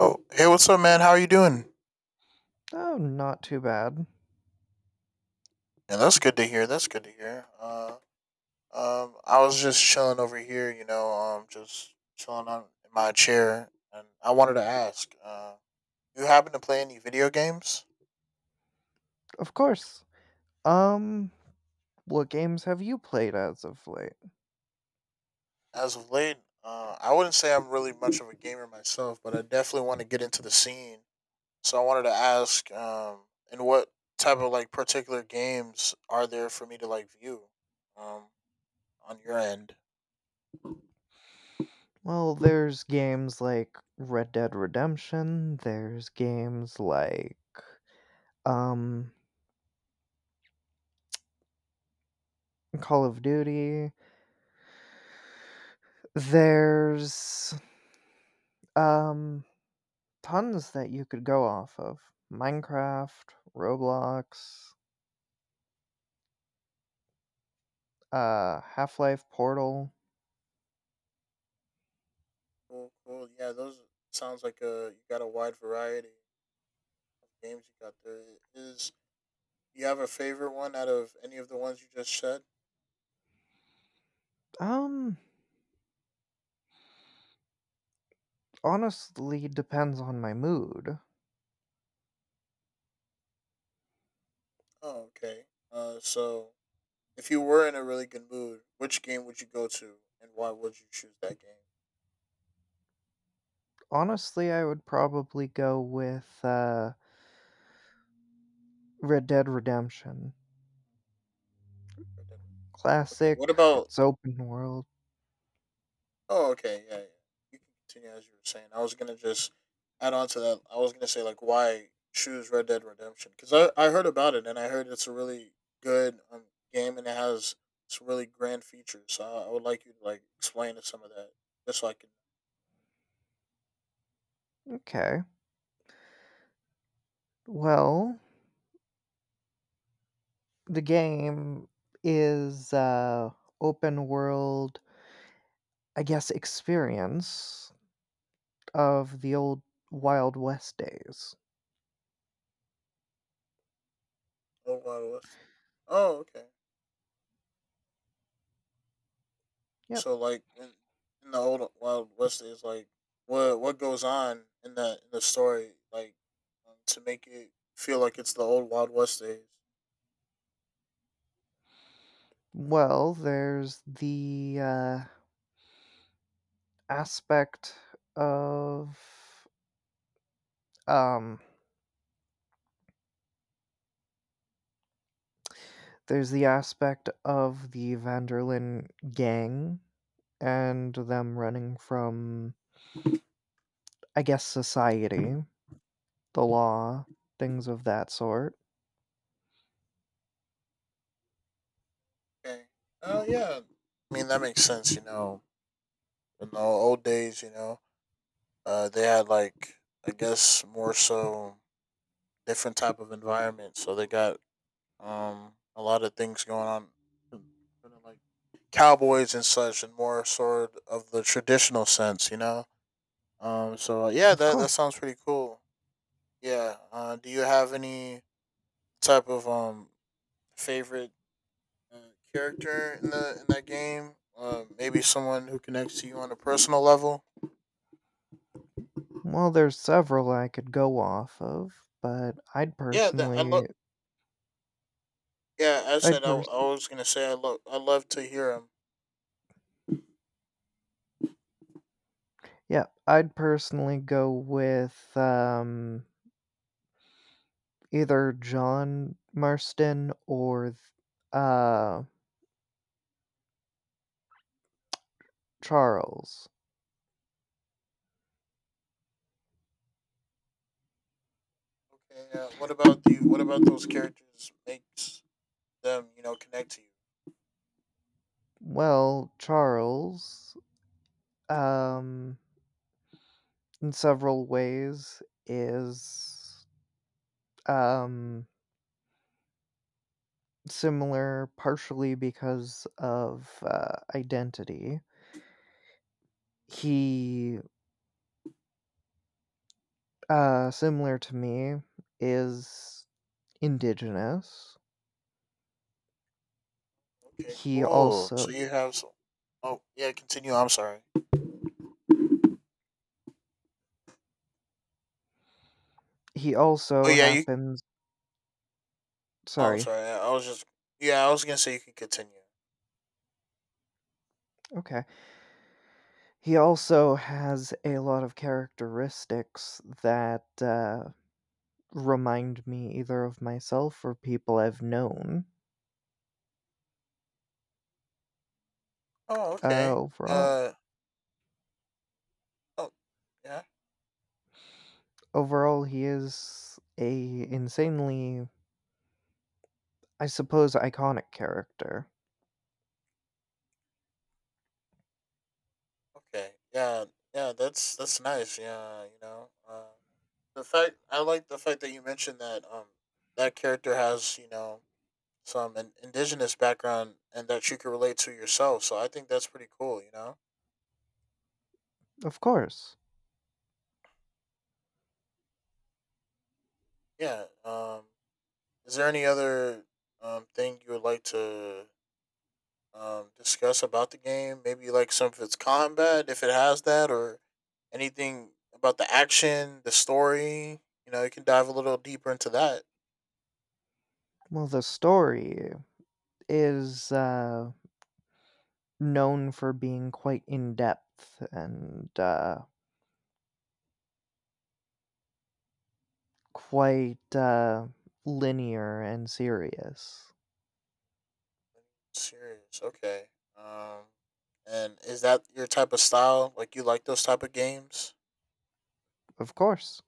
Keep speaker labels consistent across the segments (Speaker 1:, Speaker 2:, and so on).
Speaker 1: Oh, hey, what's up, man? How are you doing?
Speaker 2: Oh, not too bad.
Speaker 1: Yeah, that's good to hear. That's good to hear. I was just chilling over here, just chilling on in my chair, and I wanted to ask, you happen to play any video games
Speaker 2: Of course. Um, what games have you played as of late?
Speaker 1: as of late? I wouldn't say I'm really much of a gamer myself, but I definitely want to get into the scene. So I wanted to ask, and what type of like particular games are there for me to like view, um, on your end?
Speaker 2: Well, there's games like Red Dead Redemption, there's games like um Call of Duty. There's um tons that you could go off of. Minecraft, Roblox, Half-Life Portal.
Speaker 1: Cool, cool. Yeah, those sounds like you got a wide variety of games you got there. Is you have a favorite one out of any of the ones you just said?
Speaker 2: Um honestly depends on my mood.
Speaker 1: Oh, okay. So if you were in a really good mood, which game would you go to, and why would you choose that game?
Speaker 2: Honestly, I would probably go with Red Dead Redemption.
Speaker 1: Red Dead. Okay. What
Speaker 2: Classic,
Speaker 1: about.
Speaker 2: it's open world.
Speaker 1: Oh, okay. Yeah, yeah. You can continue as you were saying. I was gonna just add on to that. I was gonna say like why choose Red Dead Redemption, because I heard about it and I heard it's a really good game and it has some really grand features. So I would like you to like explain some of that just so I can.
Speaker 2: Okay. Well, the game is open world, I guess experience of the old Wild West days.
Speaker 1: Old Wild West days. Oh, okay.
Speaker 2: Yep.
Speaker 1: So like in the old Wild West days, like what goes on in the story like to make it feel like it's the old Wild West days.
Speaker 2: Well, there's the aspect of um there's the aspect of the Vanderlyn gang and them running from, I guess, society, the law, things of that sort.
Speaker 1: Okay. Oh yeah. I mean that makes sense. You know, in the old days, you know, they had like I guess more so different type of environment, so they got a lot of things going on, kind of like cowboys and such, and more sort of the traditional sense, you know. So yeah,
Speaker 2: Of
Speaker 1: that
Speaker 2: course.
Speaker 1: sounds pretty cool. Yeah. Do you have any type of favorite uh, character in the in that game? Maybe someone who connects to you on a personal level.
Speaker 2: Well, there's several I could go off of, but I'd
Speaker 1: Yeah, that I love.
Speaker 2: personally
Speaker 1: Yeah, I
Speaker 2: I'd
Speaker 1: said I, I
Speaker 2: pers
Speaker 1: was gonna say I love to hear them.
Speaker 2: yeah, I'd personally go with, either John Marston or th uh, Charles.
Speaker 1: Okay, what about those characters makes them you know connect to you?
Speaker 2: Well, Charles, um, in several ways is, um, similar partially because of, identity. He, similar to me, is indigenous.
Speaker 1: Okay,
Speaker 2: He
Speaker 1: cool. So
Speaker 2: also
Speaker 1: you have some. Oh yeah, continue. I'm sorry.
Speaker 2: he
Speaker 1: Oh
Speaker 2: also
Speaker 1: yeah, you.
Speaker 2: happens
Speaker 1: Oh, I'm
Speaker 2: sorry,
Speaker 1: sorry. I was just. Yeah, I was gonna say you can continue.
Speaker 2: okay. He also has a lot of characteristics that, remind me either of myself or people I've known.
Speaker 1: Oh,
Speaker 2: Uh,
Speaker 1: okay.
Speaker 2: overall
Speaker 1: Uh oh yeah
Speaker 2: overall, he is a insanely, I suppose, iconic character.
Speaker 1: okay yeah yeah, that's nice, yeah, you know. The fact I like the fact that you mentioned that that character has you know some an indigenous background and that you can relate to yourself. So I think that's pretty cool. You know,
Speaker 2: Of course.
Speaker 1: yeah. Is there any other thing you would like to discuss about the game? Maybe like some of its combat, if it has that, or anything about the action, the story. You know, you can dive a little deeper into that.
Speaker 2: Well, the story is, known for being quite in depth and quite linear and serious.
Speaker 1: Serious. Okay. Um, and is that your type of style? Like you like those type of games?
Speaker 2: Of course.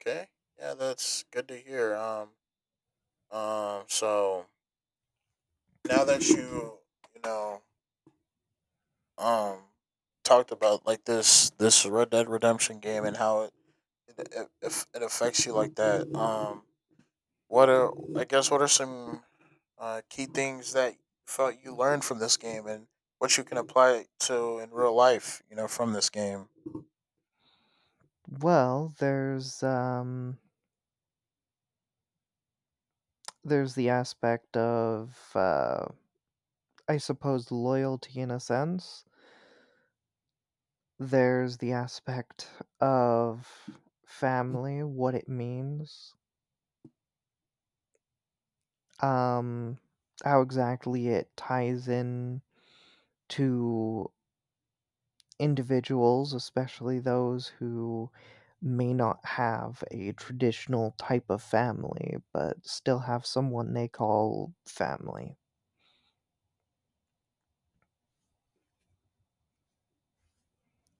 Speaker 1: Okay. Yeah, that's good to hear. So now that you know um talked about like this Red Dead Redemption game and how it, it affects you like that. What are I guess what are some key things that you felt you learned from this game and what you can apply to in real life? You know, from this game.
Speaker 2: Well, there's the aspect of I suppose loyalty in a sense. There's the aspect of family, what it means, um, how exactly it ties in to individuals, especially those who may not have a traditional type of family, but still have someone they call family.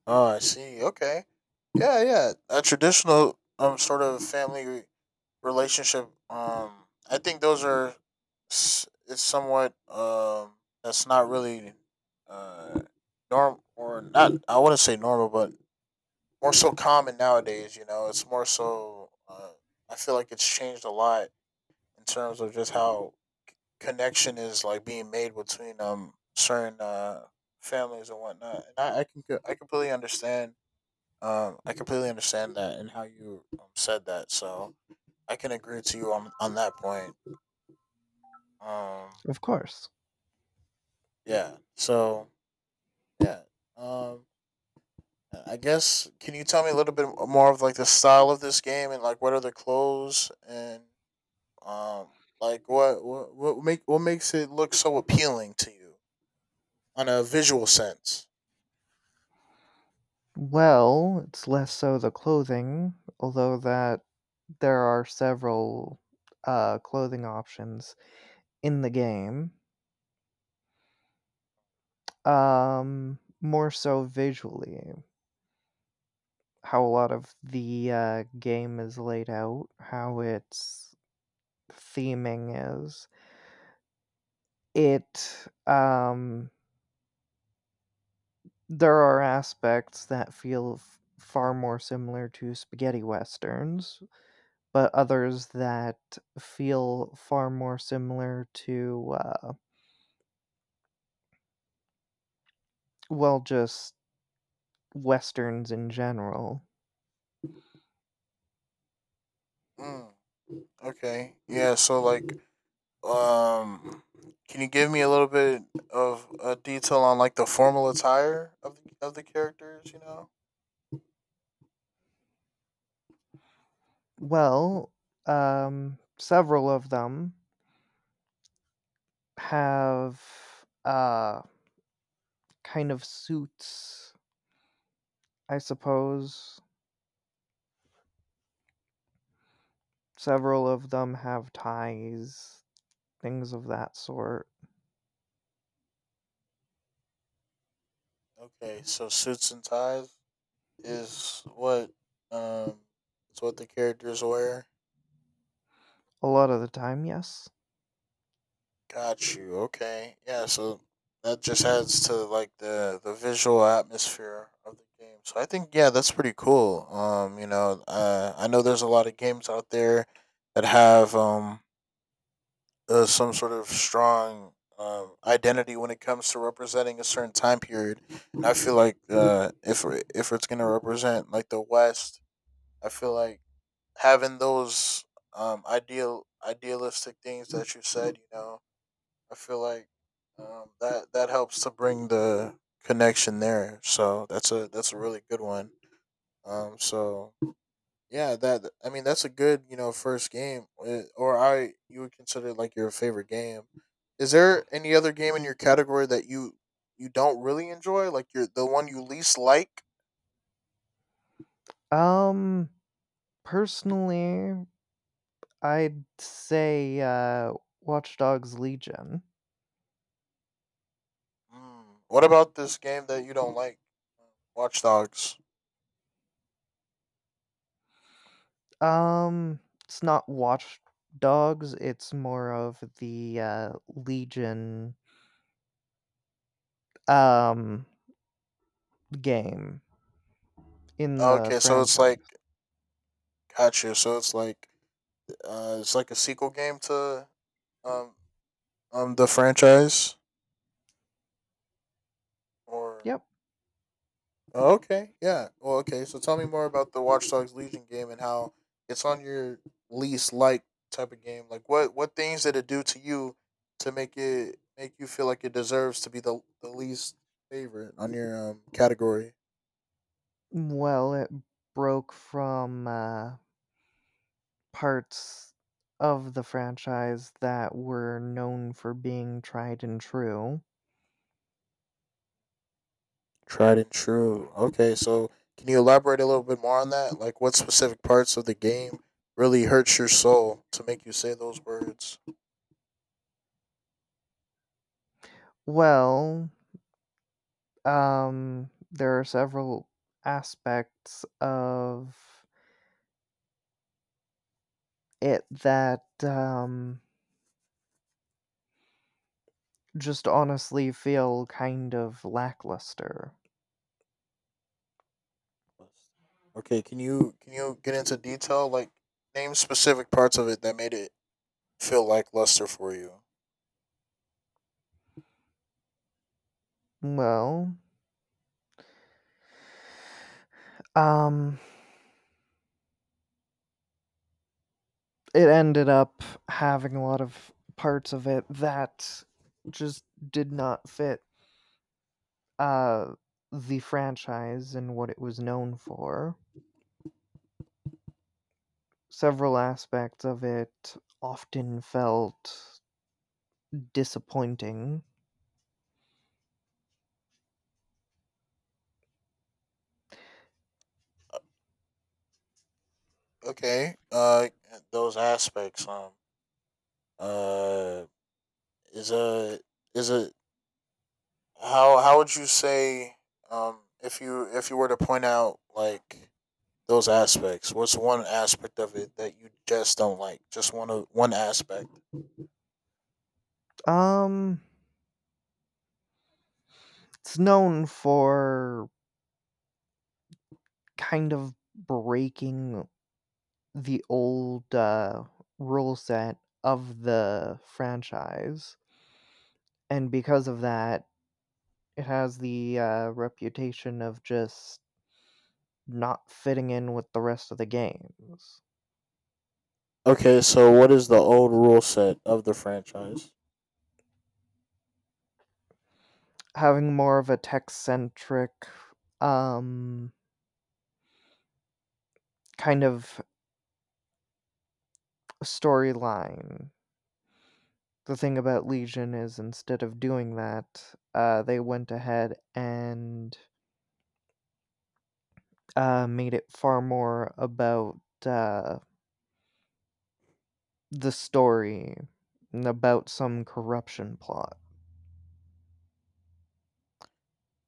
Speaker 1: Oh, I see. Okay. Yeah, yeah. A traditional sort of relationship. I think those are it's somewhat that's not really uh norm or not. I wouldn't say normal, but more so common nowadays. You know, it's more so. I feel like it's changed a lot in terms of just how connection is like being made between certain families and whatnot. And I completely understand that and how you said that, so I can agree to you on that point. Um,
Speaker 2: Of course.
Speaker 1: yeah. So yeah. Um, I guess can you tell me a little bit more of like the style of this game and like what are the clothes and um like what makes it look so appealing to you on a visual sense?
Speaker 2: Well, it's less so the clothing, although that there are several clothing options in the game. More so visually, how a lot of the game is laid out, how its theming is, It, um there are aspects that feel f far more similar to spaghetti westerns, but others that feel far more similar to, well, just westerns in general.
Speaker 1: Mm, okay. Yeah. So like Um, can you give me a little bit of a detail on like the formal attire of of the characters? You know.
Speaker 2: Well, several of them have, uh, kind of suits, I suppose. Several of them have ties, things of that sort.
Speaker 1: Okay, so suits and ties is what um is what the characters wear.
Speaker 2: A lot of the time, yes.
Speaker 1: Got you. Okay. Yeah. So that just adds to like the visual atmosphere of the game. So I think yeah, that's pretty cool. You know, I know there's a lot of games out there that have some sort of strong identity when it comes to representing a certain time period. And I feel like if it's gonna represent like the West, I feel like having those idealistic things that you said, you know I feel like that that helps to bring the connection there. So that's a really good one. So yeah, that I mean that's a good you know first game, eh, or I you would consider it like your favorite game. Is there any other game in your category that you don't really enjoy, like you're the one you least like?
Speaker 2: Um, personally, I'd say Watch Dogs Legion.
Speaker 1: Mm. What about this game that you don't like? Watch Dogs.
Speaker 2: It's not Watch Dogs, it's more of the Legion um game in the
Speaker 1: Okay, so it's like
Speaker 2: franchise.
Speaker 1: gotcha. So it's like a sequel game to um the franchise or
Speaker 2: Yep.
Speaker 1: oh, okay, yeah. Well, okay. So tell me more about the Watch Dogs Legion game and how it's on your least like type of game. Like, what things did it do to you to make it make you feel like it deserves to be the least favorite on your category?
Speaker 2: Well, it broke from parts of the franchise that were known for being tried and true.
Speaker 1: Tried and true. Okay, so can you elaborate a little bit more on that? Like, what specific parts of the game really hurts your soul to make you say those words?
Speaker 2: Well, there are several aspects of it that, just honestly feel kind of lackluster.
Speaker 1: Okay, can you get into detail? Like, name specific parts of it that made it feel lackluster for you.
Speaker 2: Well, um, it ended up having a lot of parts of it that just did not fit, uh, the franchise and what it was known for. Several aspects of it often felt disappointing.
Speaker 1: Okay. Those aspects. Uh, is a is a how would you say if you were to point out like those aspects? What's one aspect of it that you just don't like? Just one of one aspect.
Speaker 2: Um, It's known for kind of breaking the old rule set of the franchise, and because of that, it has the reputation of just not fitting in with the rest of the games,
Speaker 1: Okay, so what is the old rule set of the franchise?
Speaker 2: having more of a tech centric um, kind of storyline. The thing about Legion is instead of doing that, they went ahead and made it far more about uh, the story and about some corruption plot.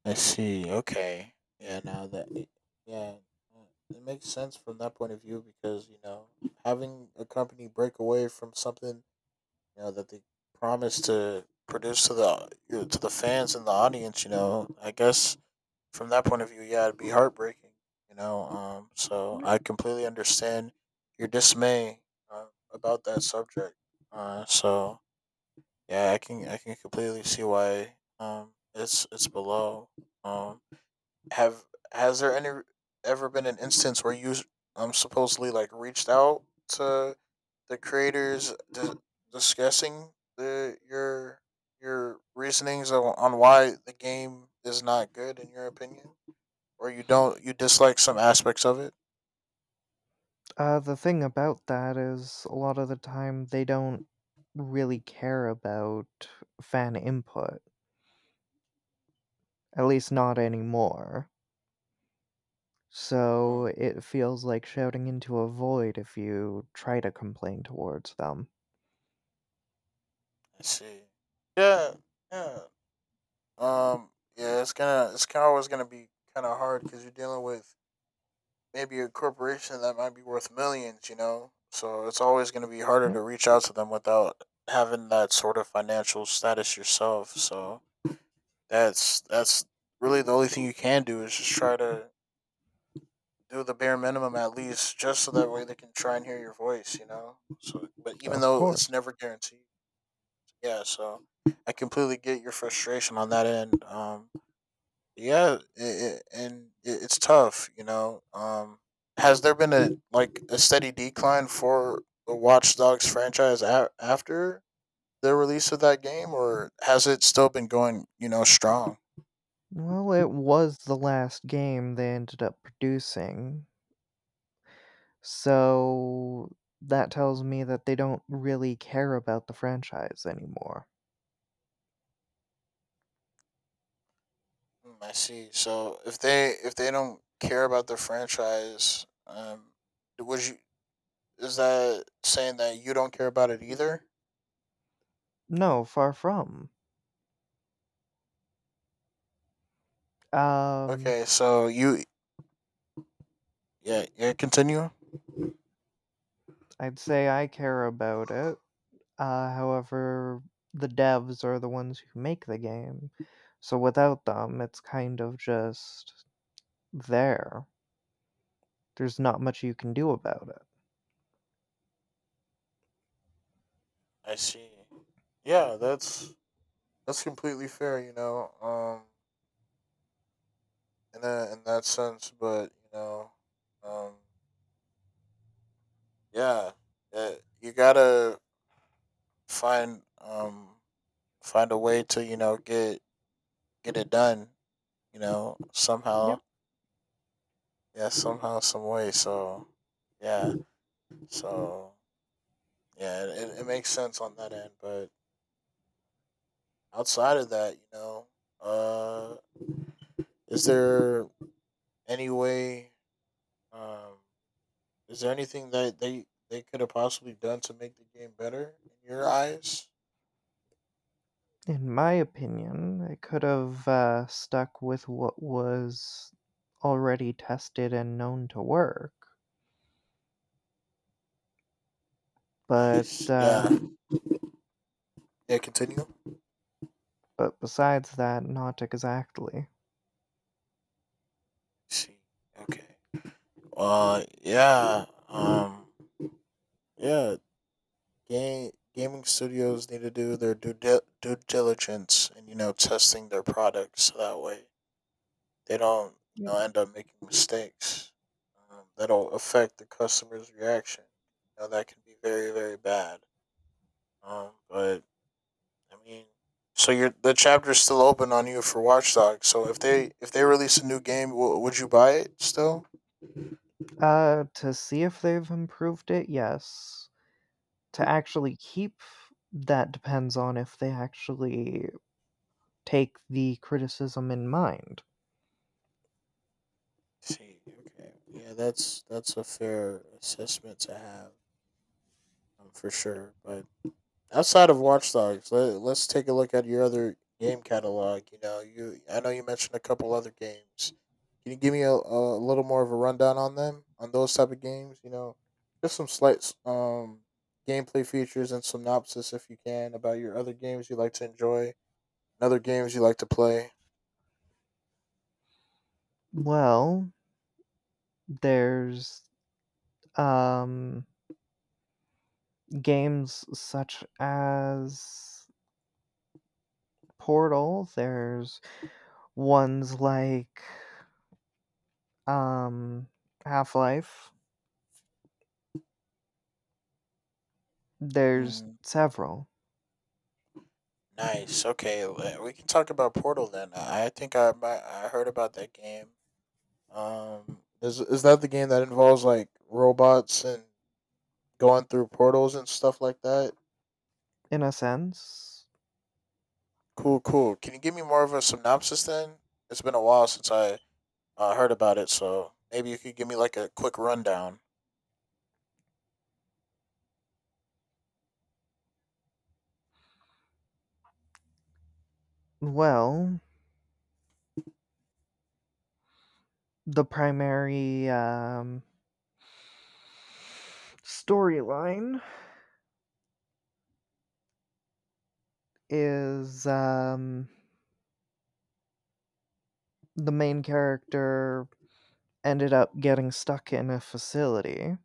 Speaker 1: I see. Okay. Yeah, now that it- yeah, it makes sense from that point of view because, you know, having a company break away from something, you know, that they promised to produce to the you to the fans and the audience, you know, I guess from that point of view, yeah, it'd be heartbreaking, you know. Um, so
Speaker 2: Yep.
Speaker 1: I completely understand your dismay uh, about that subject. Uh so Yeah, I can completely see why it's below. Um have has there any ever been an instance where you supposedly like reached out to the creators discussing the your reasonings on why the game is not good in your opinion? Or you don't you dislike some aspects of it?
Speaker 2: The thing about that is, a lot of the time, they don't really care about fan input, at least not anymore.
Speaker 1: Mm,
Speaker 2: So it feels like shouting into a void if you try to complain towards them.
Speaker 1: I see. Yeah, yeah. Yeah. It's kind of always gonna be kind of hard because you're dealing with maybe a corporation that might be worth millions, you know? So it's always going to be harder
Speaker 2: Yep,
Speaker 1: to reach out to them without having that sort of financial status yourself. So that's really the only thing you can do is just try to do the bare minimum at least just so that way they can try and hear your voice, you know? So but even
Speaker 2: of
Speaker 1: though it's
Speaker 2: course.
Speaker 1: never guaranteed. Yeah, so I completely get your frustration on that end. Yeah it's tough you know has there been a like a steady decline for the Watch Dogs franchise after the release of that game or has it still been going you know strong?
Speaker 2: Well, it was the last game they ended up producing. So that tells me that they don't really care about the franchise anymore.
Speaker 1: Mm, I see. So if they don't care about the franchise, would you is that saying that you don't care about it either?
Speaker 2: No, far from. Um,
Speaker 1: Okay, so you yeah yeah continue.
Speaker 2: I'd say I care about it. However, the devs are the ones who make the game. So without them, it's kind of just there. There's not much you can do about it.
Speaker 1: I see. Yeah, that's completely fair. You know, in that sense. But you know, um, yeah, uh you gotta find find a way to you know get it done. You know, somehow,
Speaker 2: Yep.
Speaker 1: yeah, somehow, some way. So yeah, so yeah, it makes sense on that end. But outside of that, you know, uh, is there any way? Um, is there anything that they could have possibly done to make the game better in your eyes?
Speaker 2: In my opinion, it could have stuck with what was already tested and known to work. But,
Speaker 1: Nice. Yeah.
Speaker 2: uh
Speaker 1: Yeah. Continue.
Speaker 2: but besides that, not exactly.
Speaker 1: See. Okay. Uh. Yeah. Um. Yeah. Game gaming studios need to do their due diligence and testing their products so that way they don't
Speaker 2: Yep.
Speaker 1: end up making mistakes that'll affect the customer's reaction. You know that can be very bad. But I mean. So your the chapter's still open on you for Watch Dogs. So if they release a new game, would you buy it still?
Speaker 2: To see if they've improved it, yes. To actually keep, that depends on if they actually take the criticism in mind.
Speaker 1: See, okay, yeah, that's a fair assessment to have, for sure. But outside of Watch Dogs, let's take a look at your other game catalog. You know, you I know you mentioned a couple other games. Can you give me a little more of a rundown on them, on those type of games? You know, just some slight gameplay features and synopsis, if you can, about your other games you like to enjoy and other games you like to play?
Speaker 2: Well, there's, um, games such as Portal, there's ones like, um, Half-Life. There's
Speaker 1: Mm,
Speaker 2: several,
Speaker 1: nice. Okay, we can talk about Portal then. I think I might, I heard about that game. Is that the game that involves like robots and going through portals and stuff like that?
Speaker 2: in a sense.
Speaker 1: Cool, cool. Can you give me more of a synopsis then? It's been a while since I heard about it, so maybe you could give me like a quick rundown.
Speaker 2: Well, the primary storyline is the main character ended up getting stuck in a facility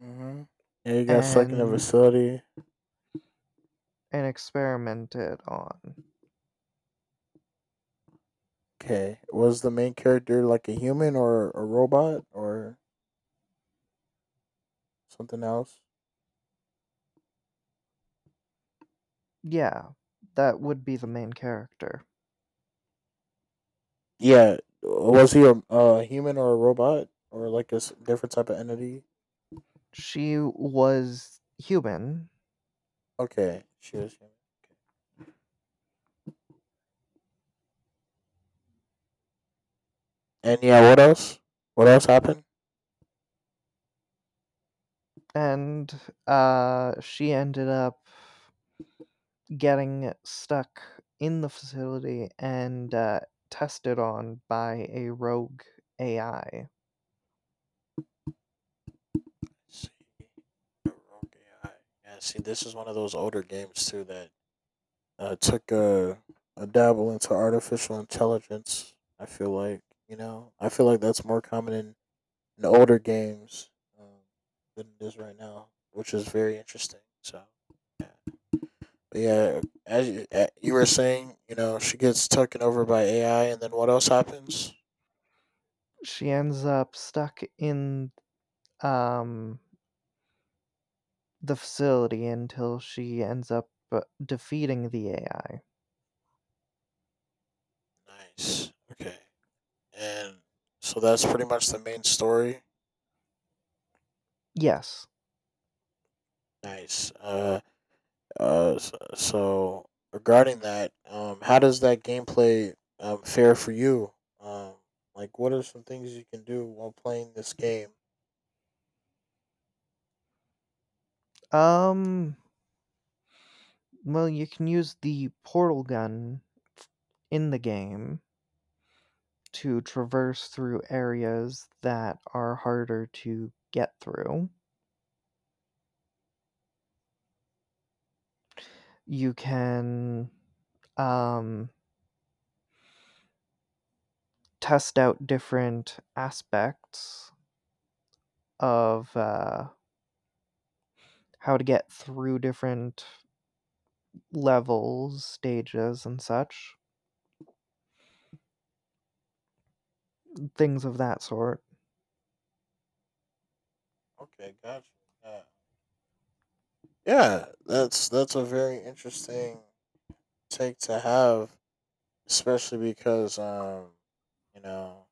Speaker 1: Mm-hmm. Yeah, you got stuck in a
Speaker 2: and
Speaker 1: facility.
Speaker 2: and experimented on.
Speaker 1: Okay, was the main character like a human or a robot or something else?
Speaker 2: Yeah, that would be the main character.
Speaker 1: Yeah, was he a human or a robot or like a different type of entity?
Speaker 2: She was human,
Speaker 1: Okay, she was human. And yeah, what else? What else happened?
Speaker 2: and she ended up getting stuck in the facility and tested on by a rogue AI.
Speaker 1: See, rogue AI. Yeah, see, this is one of those older games too that took a dabble into artificial intelligence. I feel like, you know, I feel like that's more common in older games, um, than it is right now, which is very interesting. So, yeah. Yeah, as you, you were saying, you know, she gets taken over by AI, and then what else happens?
Speaker 2: She ends up stuck in um, the facility until she ends up defeating the AI.
Speaker 1: Nice. Okay. And so that's pretty much the main story.
Speaker 2: Yes.
Speaker 1: Nice. So regarding that, how does that gameplay fare for you? Um, like, what are some things you can do while playing this game?
Speaker 2: Um. Well, you can use the portal gun in the game to traverse through areas that are harder to get through. You can um test out different aspects of how to get through different levels, stages, and such. Things of that sort.
Speaker 1: Okay, gotcha. Yeah, yeah. That's a very interesting take to have, especially because, you know,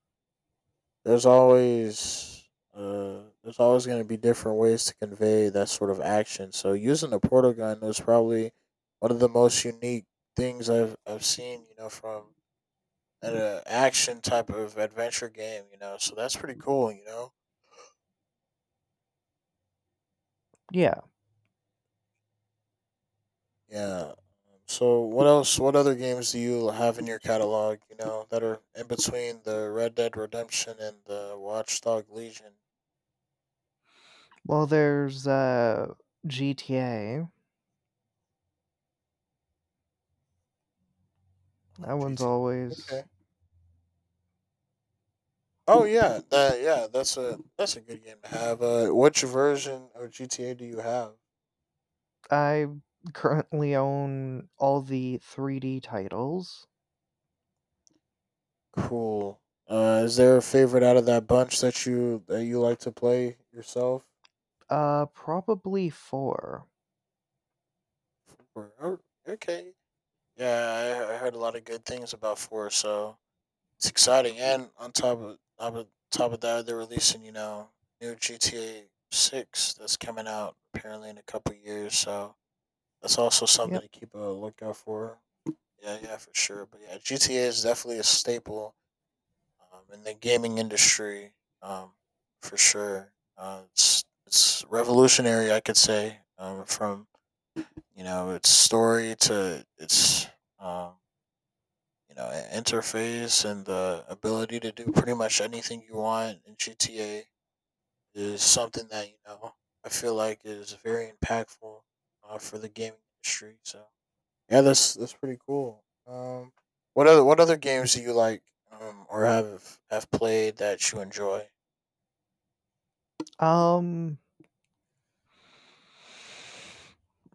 Speaker 1: there's always going to be different ways to convey that sort of action. So using a portal gun was probably one of the most unique things I've seen. You know, from an action type of adventure game. You know, so that's pretty cool. You know,
Speaker 2: Yeah.
Speaker 1: yeah. So what else? What other games do you have in your catalog? You know, that are in between the Red Dead Redemption and the Watchdog Legion.
Speaker 2: Well, there's GTA. That one's
Speaker 1: GT.
Speaker 2: always.
Speaker 1: Okay. Oh yeah, that yeah, that's a good game to have. Which version of GTA do you have?
Speaker 2: I currently own all the 3D titles.
Speaker 1: Cool. Is there a favorite out of that bunch that you like to play yourself?
Speaker 2: Probably four.
Speaker 1: Or- oh, okay. Yeah, I heard a lot of good things about four, so it's exciting. And on top of top of that, they're releasing, you know, new GTA 6 that's coming out apparently in a couple years. So that's also something
Speaker 2: Yep.
Speaker 1: to keep a lookout for. Yeah, yeah, for sure. But yeah, GTA is definitely a staple, in the gaming industry, um, for sure. It's revolutionary, I could say, from, you know, its story to its, um, you know, interface and the ability to do pretty much anything you want in GTA is something that, you know, I feel like is very impactful, for the gaming industry. So. Yeah, that's pretty cool. What other games do you like, or have played that you enjoy?
Speaker 2: Um.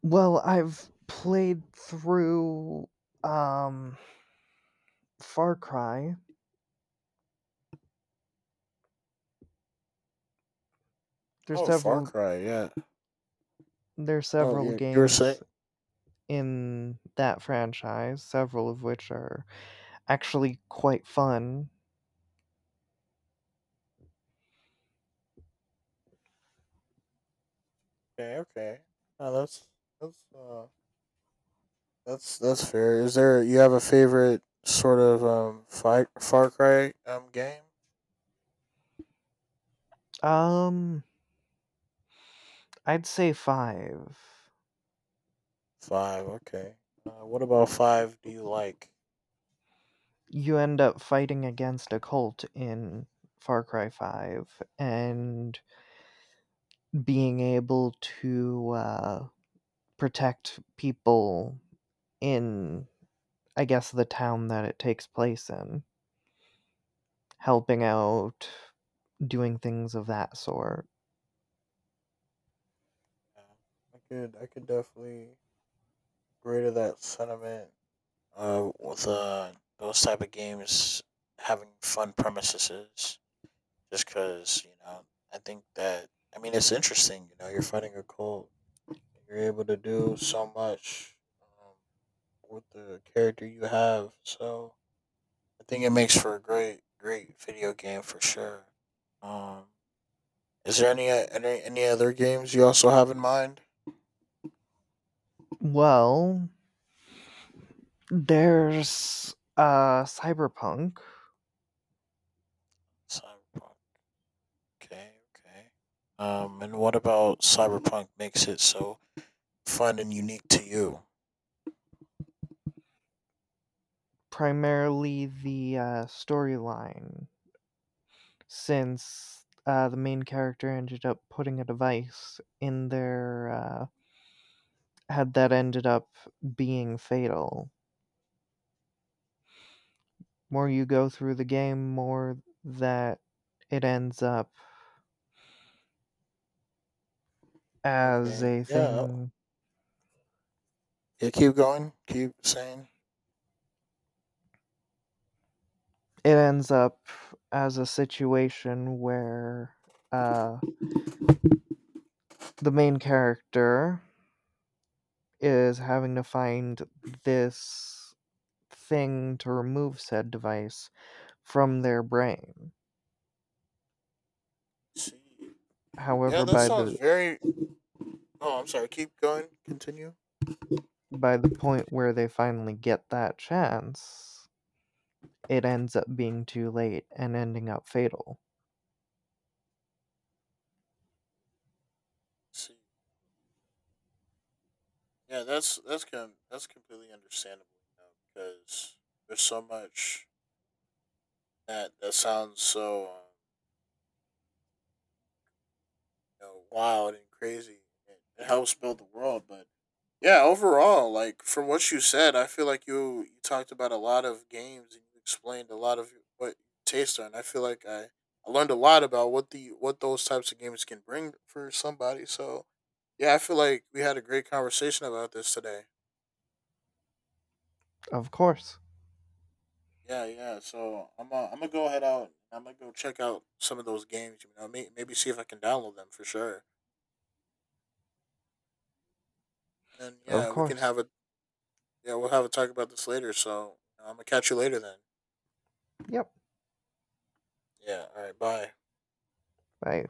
Speaker 2: Well, I've played through um Far Cry. There's
Speaker 1: Oh, Far
Speaker 2: several
Speaker 1: Cry. Yeah.
Speaker 2: there's
Speaker 1: Oh,
Speaker 2: several
Speaker 1: yeah. You were saying.
Speaker 2: games in that franchise, several of which are actually quite fun.
Speaker 1: Okay. Okay. No, that's that's uh, that's fair. Is there you have a favorite sort of fight Far Cry game?
Speaker 2: Um, I'd say 5.
Speaker 1: Five. Okay. What about five? Do you like?
Speaker 2: You end up fighting against a cult in Far Cry 5 and being able to protect people in, I guess, the town that it takes place in, helping out, doing things of that sort.
Speaker 1: Uh, I could definitely agree to that sentiment, with, those type of games having fun premises, just because, you know, I think that, I mean, it's interesting, you know, you're fighting a cult, you're able to do so much, um, with the character you have. So I think it makes for a great video game, for sure. um is there any, any other games you also have in mind?
Speaker 2: Well, there's Cyberpunk,
Speaker 1: Cyberpunk, okay, okay. Um, and what about Cyberpunk makes it so fun and unique to you?
Speaker 2: primarily the storyline, since the main character ended up putting a device in their head that ended up being fatal. More you go through the game, more that it ends up as
Speaker 1: Okay.
Speaker 2: a
Speaker 1: Yeah.
Speaker 2: thing
Speaker 1: Yeah. Keep going. Keep saying.
Speaker 2: it ends up as a situation where uh the main character is having to find this thing to remove said device from their brain.
Speaker 1: See. Yeah,
Speaker 2: However,
Speaker 1: that sounds very. Oh, I'm sorry. Keep going. Continue.
Speaker 2: by the point where they finally get that chance, it ends up being too late and ending up fatal.
Speaker 1: See. Yeah, that's completely understandable, you know, because there's so much that that sounds so. You know, wild and crazy. It helps build the world, but yeah, overall, like from what you said, I feel like you talked about a lot of games and you explained a lot of what your tastes are, and I feel like I learned a lot about what the what those types of games can bring for somebody. So yeah, I feel like we had a great conversation about this today.
Speaker 2: Of course.
Speaker 1: Yeah, yeah. So I'm, I'm gonna go head out, and I'm gonna go check out some of those games. You know, maybe see if I can download them, for sure. And
Speaker 2: Of
Speaker 1: yeah, we can
Speaker 2: course.
Speaker 1: have a. Yeah, we'll have a talk about this later. So I'm gonna catch you later then.
Speaker 2: Yep.
Speaker 1: Yeah. All right. Bye.
Speaker 2: I